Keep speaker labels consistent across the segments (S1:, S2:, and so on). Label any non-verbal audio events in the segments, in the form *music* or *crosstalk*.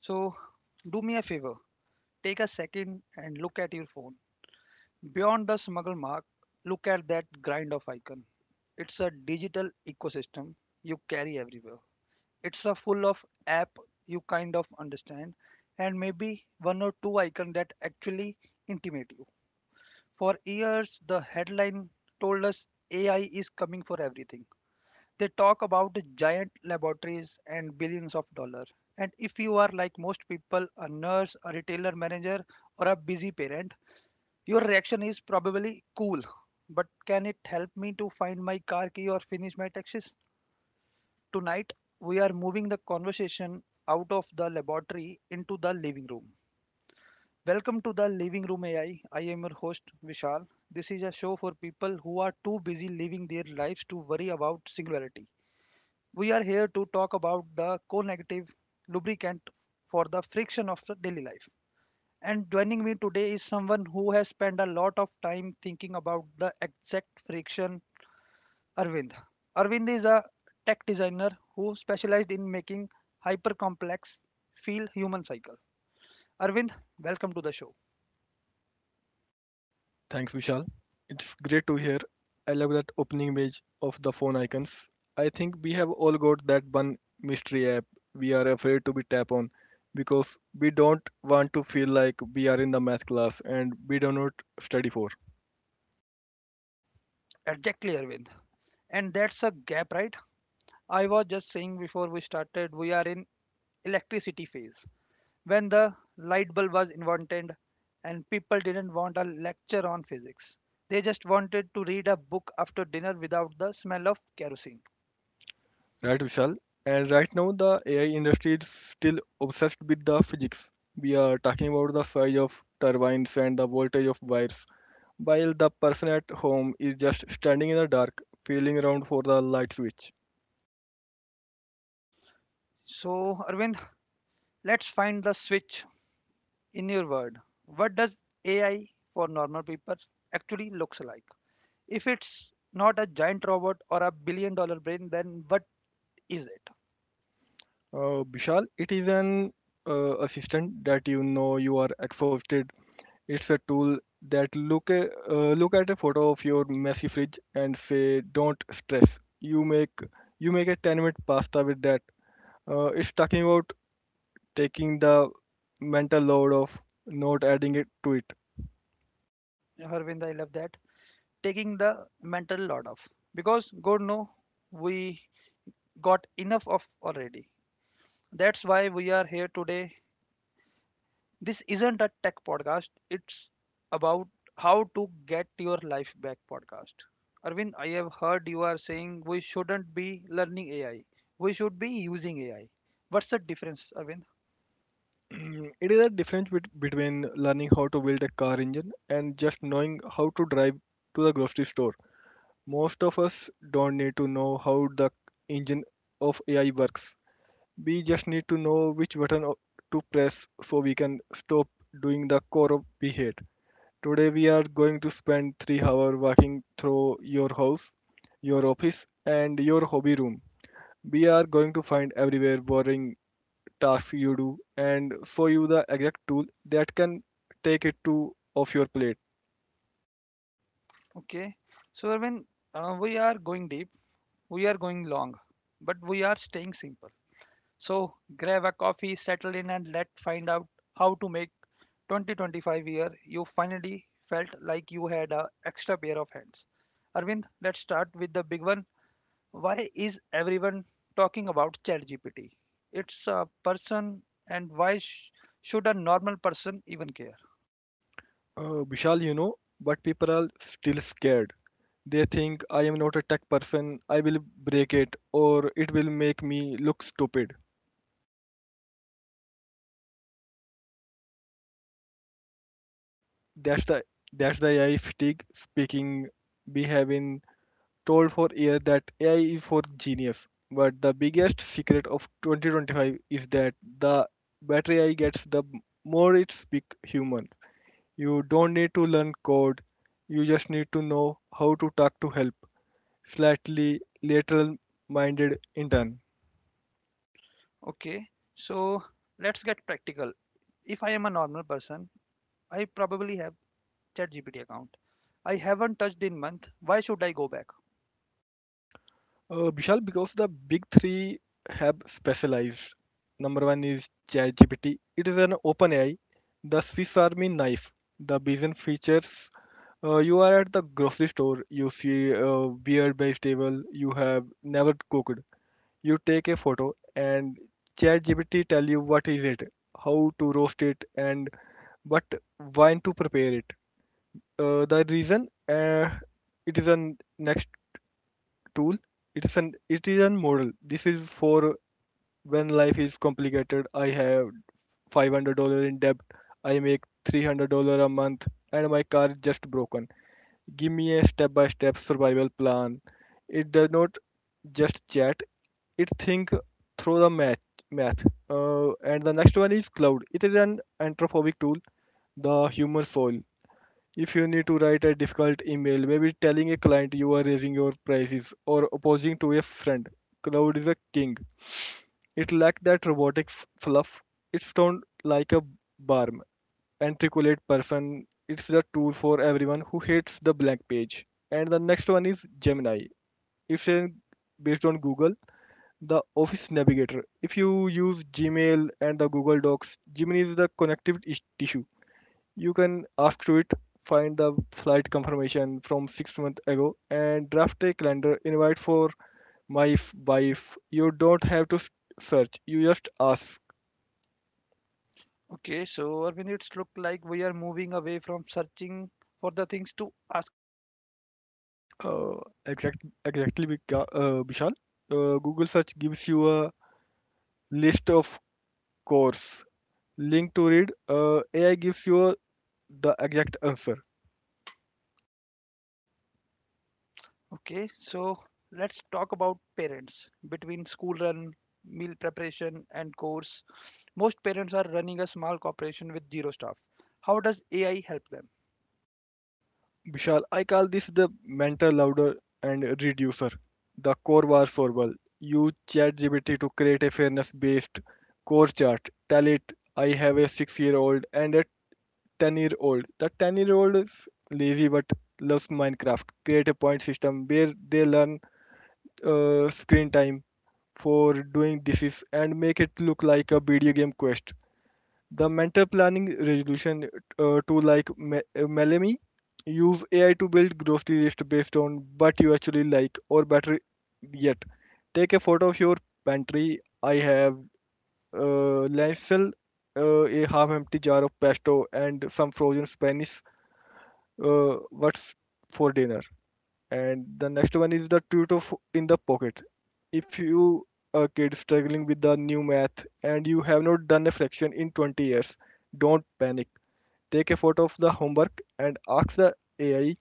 S1: So, do me a favor, take a second and look at your phone. Beyond the smuggle mark, look at that grind of icon. It's a digital ecosystem you carry everywhere. It's a full of app you kind of understand and maybe one or two icon that actually intimate you. For years the headline told us AI is coming for everything. They talk about giant laboratories and billions of dollars. And if you are like most people, a nurse, a retailer manager, or a busy parent, your reaction is probably cool. But can it help me to find my car key or finish my taxes? Tonight, we are moving the conversation out of the laboratory into the living room. Welcome to the Living Room AI. I am your host Vishal. This is a show for people who are too busy living their lives to worry about singularity. We are here to talk about the co negative lubricant for the friction of the daily life. And joining me today is someone who has spent a lot of time thinking about the exact friction, Arvind. Arvind is a tech designer who specialized in making hyper complex feel human cycle. Arvind, welcome to the show.
S2: Thanks, Vishal. It's great to hear. I love that opening image of the phone icons. I think we have all got that one mystery app we are afraid to be tap on because we don't want to feel like we are in the math class and we do not study for.
S1: Exactly, Arvind. And that's a gap, right? I was just saying before we started, we are in electricity phase. When the light bulb was invented and people didn't want a lecture on physics. They just wanted to read a book after dinner without the smell of kerosene.
S2: Right, Vishal? And right now, the AI industry is still obsessed with the physics. We are talking about the size of turbines and the voltage of wires, while the person at home is just standing in the dark, feeling around for the light switch.
S1: So, Arvind, let's find the switch in your word. What does AI for normal people actually looks like? If it's not a giant robot or a $1 billion brain, then what is it?
S2: Vishal, it is an assistant that you know you are exhausted. It's a tool that look at a photo of your messy fridge and say, "Don't stress." You make a 10-minute pasta with that. It's talking about taking the mental load of not adding it to it.
S1: Yeah. Arvind, I love that. Taking the mental load off. Because God knows we got enough of already. That's why we are here today. This isn't a tech podcast, it's about how to get your life back podcast. Arvind, I have heard you are saying we shouldn't be learning AI, we should be using AI. What's the difference, Arvind?
S2: *clears throat* It is a difference between learning how to build a car engine and just knowing how to drive to the grocery store. Most of us don't need to know how the engine of AI works. We just need to know which to press so we can stop doing the core of we hate. Today we are going to spend 3 hours walking through your house, your office and your hobby room. We are going to find everywhere boring tasks you do and show you the exact tool that can take it to off your plate.
S1: Okay, so Arvind, we are going deep, we are going long, but we are staying simple. So grab a coffee, settle in, and let's find out how to make 2025 year you finally felt like you had a extra pair of hands. Arvind, let's start with the big one. Why is everyone talking about ChatGPT? It's a person, and why should a normal person even care?
S2: Vishal, you know, but people are still scared. They think I am not a tech person, I will break it or it will make me look stupid. That's the that's the AI fatigue speaking. We have been told for years that AI is for genius. But the biggest secret of 2025 is that the better AI gets, the more it speaks human. You don't need to learn code. You just need to know how to talk to help. Slightly lateral minded intern.
S1: Okay, so let's get practical. If I am a normal person, I probably have ChatGPT account. I haven't touched in month. Why should I go back?
S2: Vishal, because the big three have specialized. Number one is ChatGPT. It is an open AI, the Swiss Army knife. The vision features. You are at the grocery store. You see a weird vegetable you have never cooked. You take a photo, and ChatGPT tell you what is it, how to roast it, and what wine to prepare it. The reason It is a next tool. It is an model. This is for when life is complicated. I have $500 in debt. I make $300 a month, and my car is just broken. Give me a step by step survival plan. It does not just chat. It think through the math. And the next one is cloud. It is an anthropomorphic tool, the human soul. If you need to write a difficult email, maybe telling a client you are raising your prices or opposing to a friend, Cloud is a king. It lacked that fluff. It sounds like a barm, articulate person. It's the tool for everyone who hates the blank page. And the next one is Gemini. It's a, based on Google, the Office Navigator. If you use Gmail and the Google Docs, Gemini is the tissue. You can ask to it find the flight confirmation from 6 months ago and draft a calendar invite for my if by if You don't have to search, you just ask.
S1: Okay, so Arvind, it's look like we are moving away from searching for the things to asking for result.
S2: uh, exact, Vishal. Google search gives you a list of course link to read. AI gives you the exact answer.
S1: Okay, so let's talk about parents. Between school run, meal preparation, and course, most parents are running a small corporation with zero staff. How does AI help them?
S2: Vishal, I call this the mental loader and reducer, the core was formal. Use ChatGPT to create a fairness based core chart. Tell it I have a 6 year old and a 10 year old. The 10 year old is lazy but loves Minecraft. Create a point system where they learn screen time for doing and make it look like a video game quest. The mental planning resolution, Melemy. Use AI to build grocery list based on what you actually like, or better yet, take a photo of your pantry. I have lentil, a half empty jar of pesto and some frozen Spanish. What's for dinner? And the next one is the in the pocket. If you are a kid struggling with the new math and you have not done a fraction in 20 years, don't panic. Take a photo of the homework and ask the AI,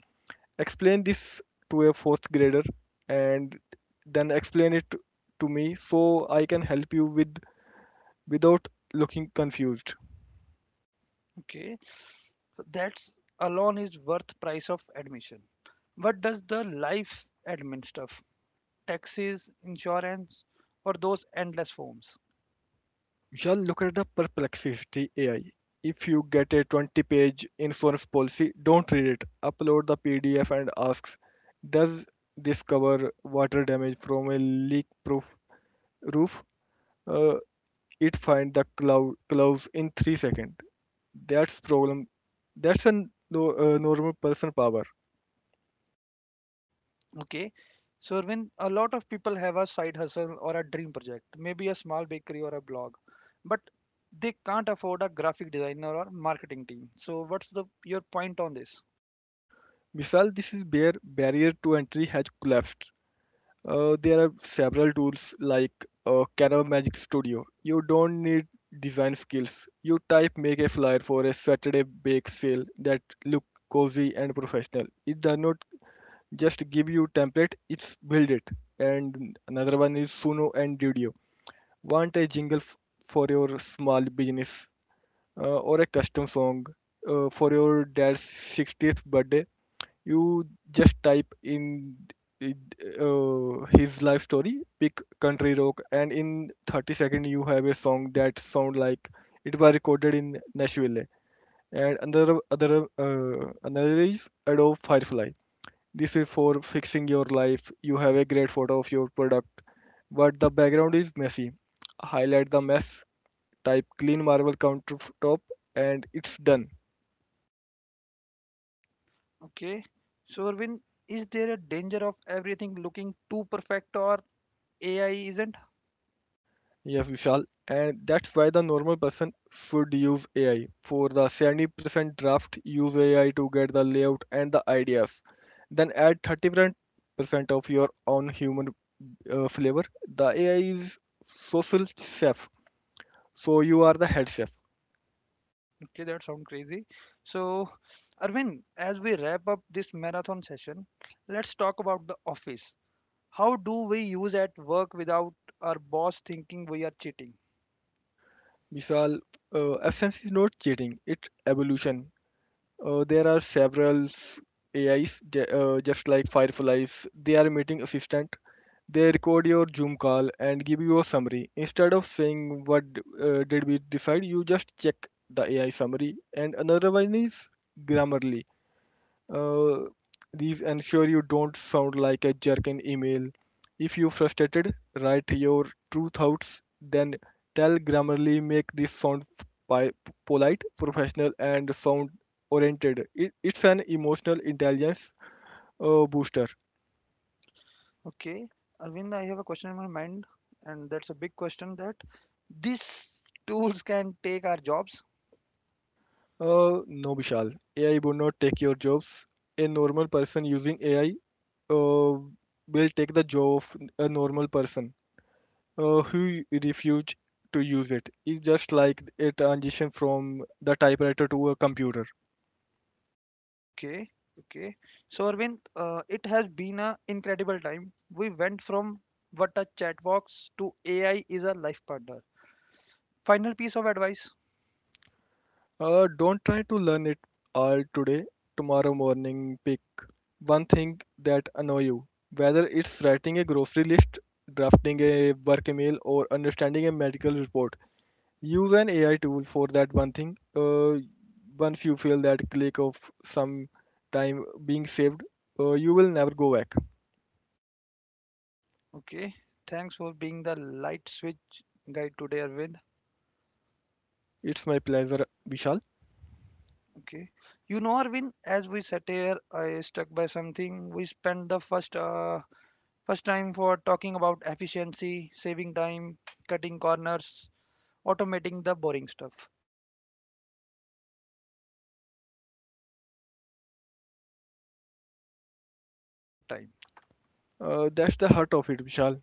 S2: explain this to a fourth grader, and then explain it to me so I can help you with, without looking confused.
S1: Okay, so that's alone is worth price of admission. What does the life admin stuff, taxes, insurance, or those endless forms?
S2: Yeah, look at the perplexity AI. If you get a 20-page insurance policy, don't read it. Upload the PDF and asks, does this cover water damage from a leak proof roof? Uh, it finds the clause in 3 seconds. that's problem that's a no, normal person power.
S1: Okay. So when a lot of people have a side hustle or a dream project, maybe a small bakery or a blog, but they can't afford a graphic designer or marketing team. So what's the your point on this?
S2: Misal, this is where barrier to entry has collapsed. There are several tools like Canva Magic Studio. You don't need design skills. You type make a flyer for a Saturday bake sale that look cozy and professional. It does not just give you template, it's build it. And another one is Suno and Dudio. Want a for your small business, or a custom song for your dad's 60th birthday? You just type in it, his life story, pick country rock, and in 30 seconds you have a song that sound like it was recorded in Nashville. And another is Adobe Firefly. This is for fixing your life. You have a great photo of your product but the background is messy. Highlight the mess, type clean marble countertop, and it's done.
S1: Okay. So Arvind, is there a danger of everything looking too perfect or AI isn't?
S2: Yes, Vishal. And that's why the normal person should use AI. For the 70% draft, use AI to get the layout and the ideas. Then add 30% of your own human flavor. The AI is social chef, so you are the head chef.
S1: Okay, that sounds crazy. So Arvind, as we wrap up this marathon session, let's talk about the office. How do we use at work without our boss thinking we are cheating?
S2: Vishal, absence is not cheating, it's evolution. There are several AIs, just like Fireflies. They are meeting assistant. They record your Zoom call and give you a summary. Instead of saying what did we decide, you just check the AI summary. And another one is Grammarly. Uh, these ensure you don't sound like a jerk in email. If you're frustrated, write your true thoughts, then tell Grammarly make this sound pi- polite, professional, and sound oriented. It's an emotional intelligence booster.
S1: Okay, Arvind, I have a question in my mind, and that's a big question that these tools can take our jobs.
S2: No, Vishal. AI would not take your jobs. A normal person using AI uh, will take the job of a normal person who refused to use it. It's just like a transition from the typewriter to a computer.
S1: Okay, okay. So, Arvind, it has been an incredible time. We went from what a chat box to AI is a life partner. Final piece of advice.
S2: Don't try to learn it all today. Tomorrow morning, pick one thing that annoy you. Whether it's writing a grocery list, drafting a work email, or understanding a medical report, use an AI tool for that one thing. Once you feel that click of some time being saved, you will never go back.
S1: Okay, thanks for being the light switch guide today, Arvind.
S2: It's my pleasure, Vishal.
S1: Okay, you know, Arvind, as we sat here, I stuck by something. We spent the first time for talking about efficiency, saving time, cutting corners, automating the boring stuff. But as we kept talking, the conversation shifted. It became about what we do with the save time.
S2: That's the heart of it, Vishal.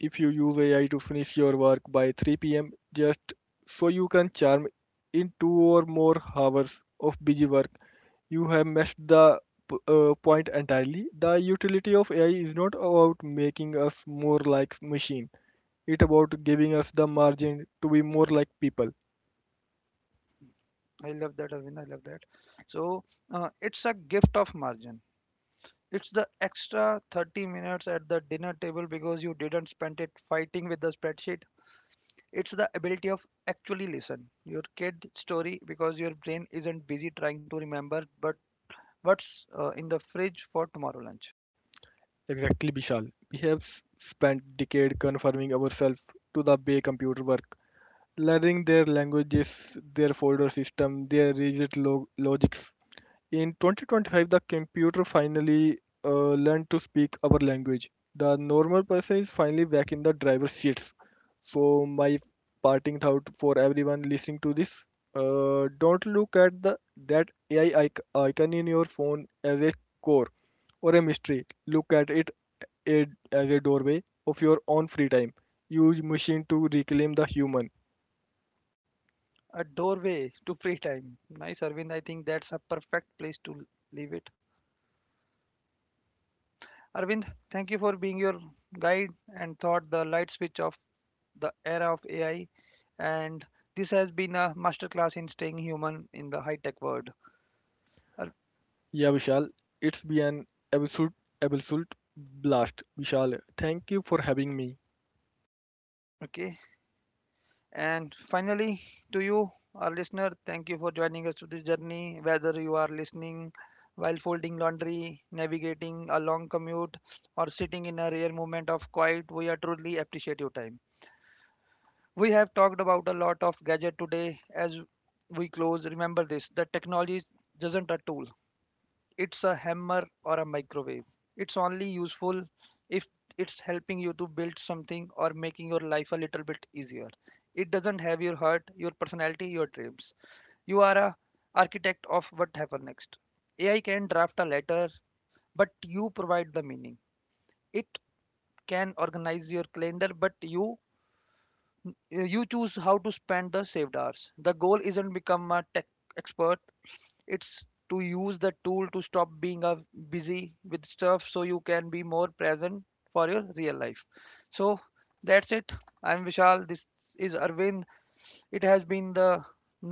S2: If you use AI to finish your work by 3 p.m., just so you can charm in two or more hours of busy work, you have missed the point entirely. The utility of AI is not about making us more like machines. It about giving us the margin to be more like people.
S1: I love that, Arvind. I love that. So it's a gift of margin. It's the extra 30 minutes at the dinner table because you didn't spend it fighting with the spreadsheet. It's the ability of actually listen your kid story because your brain isn't busy trying to remember but what's in the fridge for tomorrow lunch?
S2: Exactly, Vishal. We have spent decades conforming ourselves to the way computer work, learning their languages, their folder system, their logics. In 2025, the computer finally learned to speak our language. The normal person is finally back in the driver's seat. So my parting thought for everyone listening to this: don't look at the that AI icon in your phone as a core or a mystery. Look at a, as a doorway of your own free time. Use machine to reclaim the human.
S1: A doorway to free time. Nice, Arvind. I think that's a perfect place to leave it. Arvind, thank you for being your guide and thought the light switch of the era of AI. And this has been a masterclass in staying human in the high tech world.
S2: Yeah, Vishal, it's been an absolute absolute blast. Vishal, thank you for having me.
S1: Okay, and finally, to you, our listener, thank you for joining us to this journey. Whether you are listening while folding laundry, navigating a long commute, or sitting in a rare moment of quiet, we are truly appreciate your time. We have talked about a lot of gadget today. As we close, remember this: the technology isn't a tool; it's a hammer or a microwave. It's only useful if it's helping you to build something or making your life a little bit easier. It doesn't have your heart, your personality, your dreams. You are a architect of what happens next. AI can draft a letter, but you provide the meaning. It can organize your calendar, but you choose how to spend the saved hours. The goal isn't become a tech expert, it's to use the tool to stop being busy with stuff so you can be more present for your real life. So that's it. I'm Vishal, this is Arvind. It has been the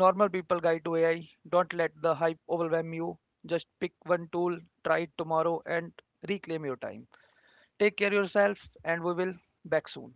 S1: normal people guide to AI. Don't let the hype overwhelm you, just pick one tool, try it tomorrow and reclaim your time. Take care of yourself and we will back soon.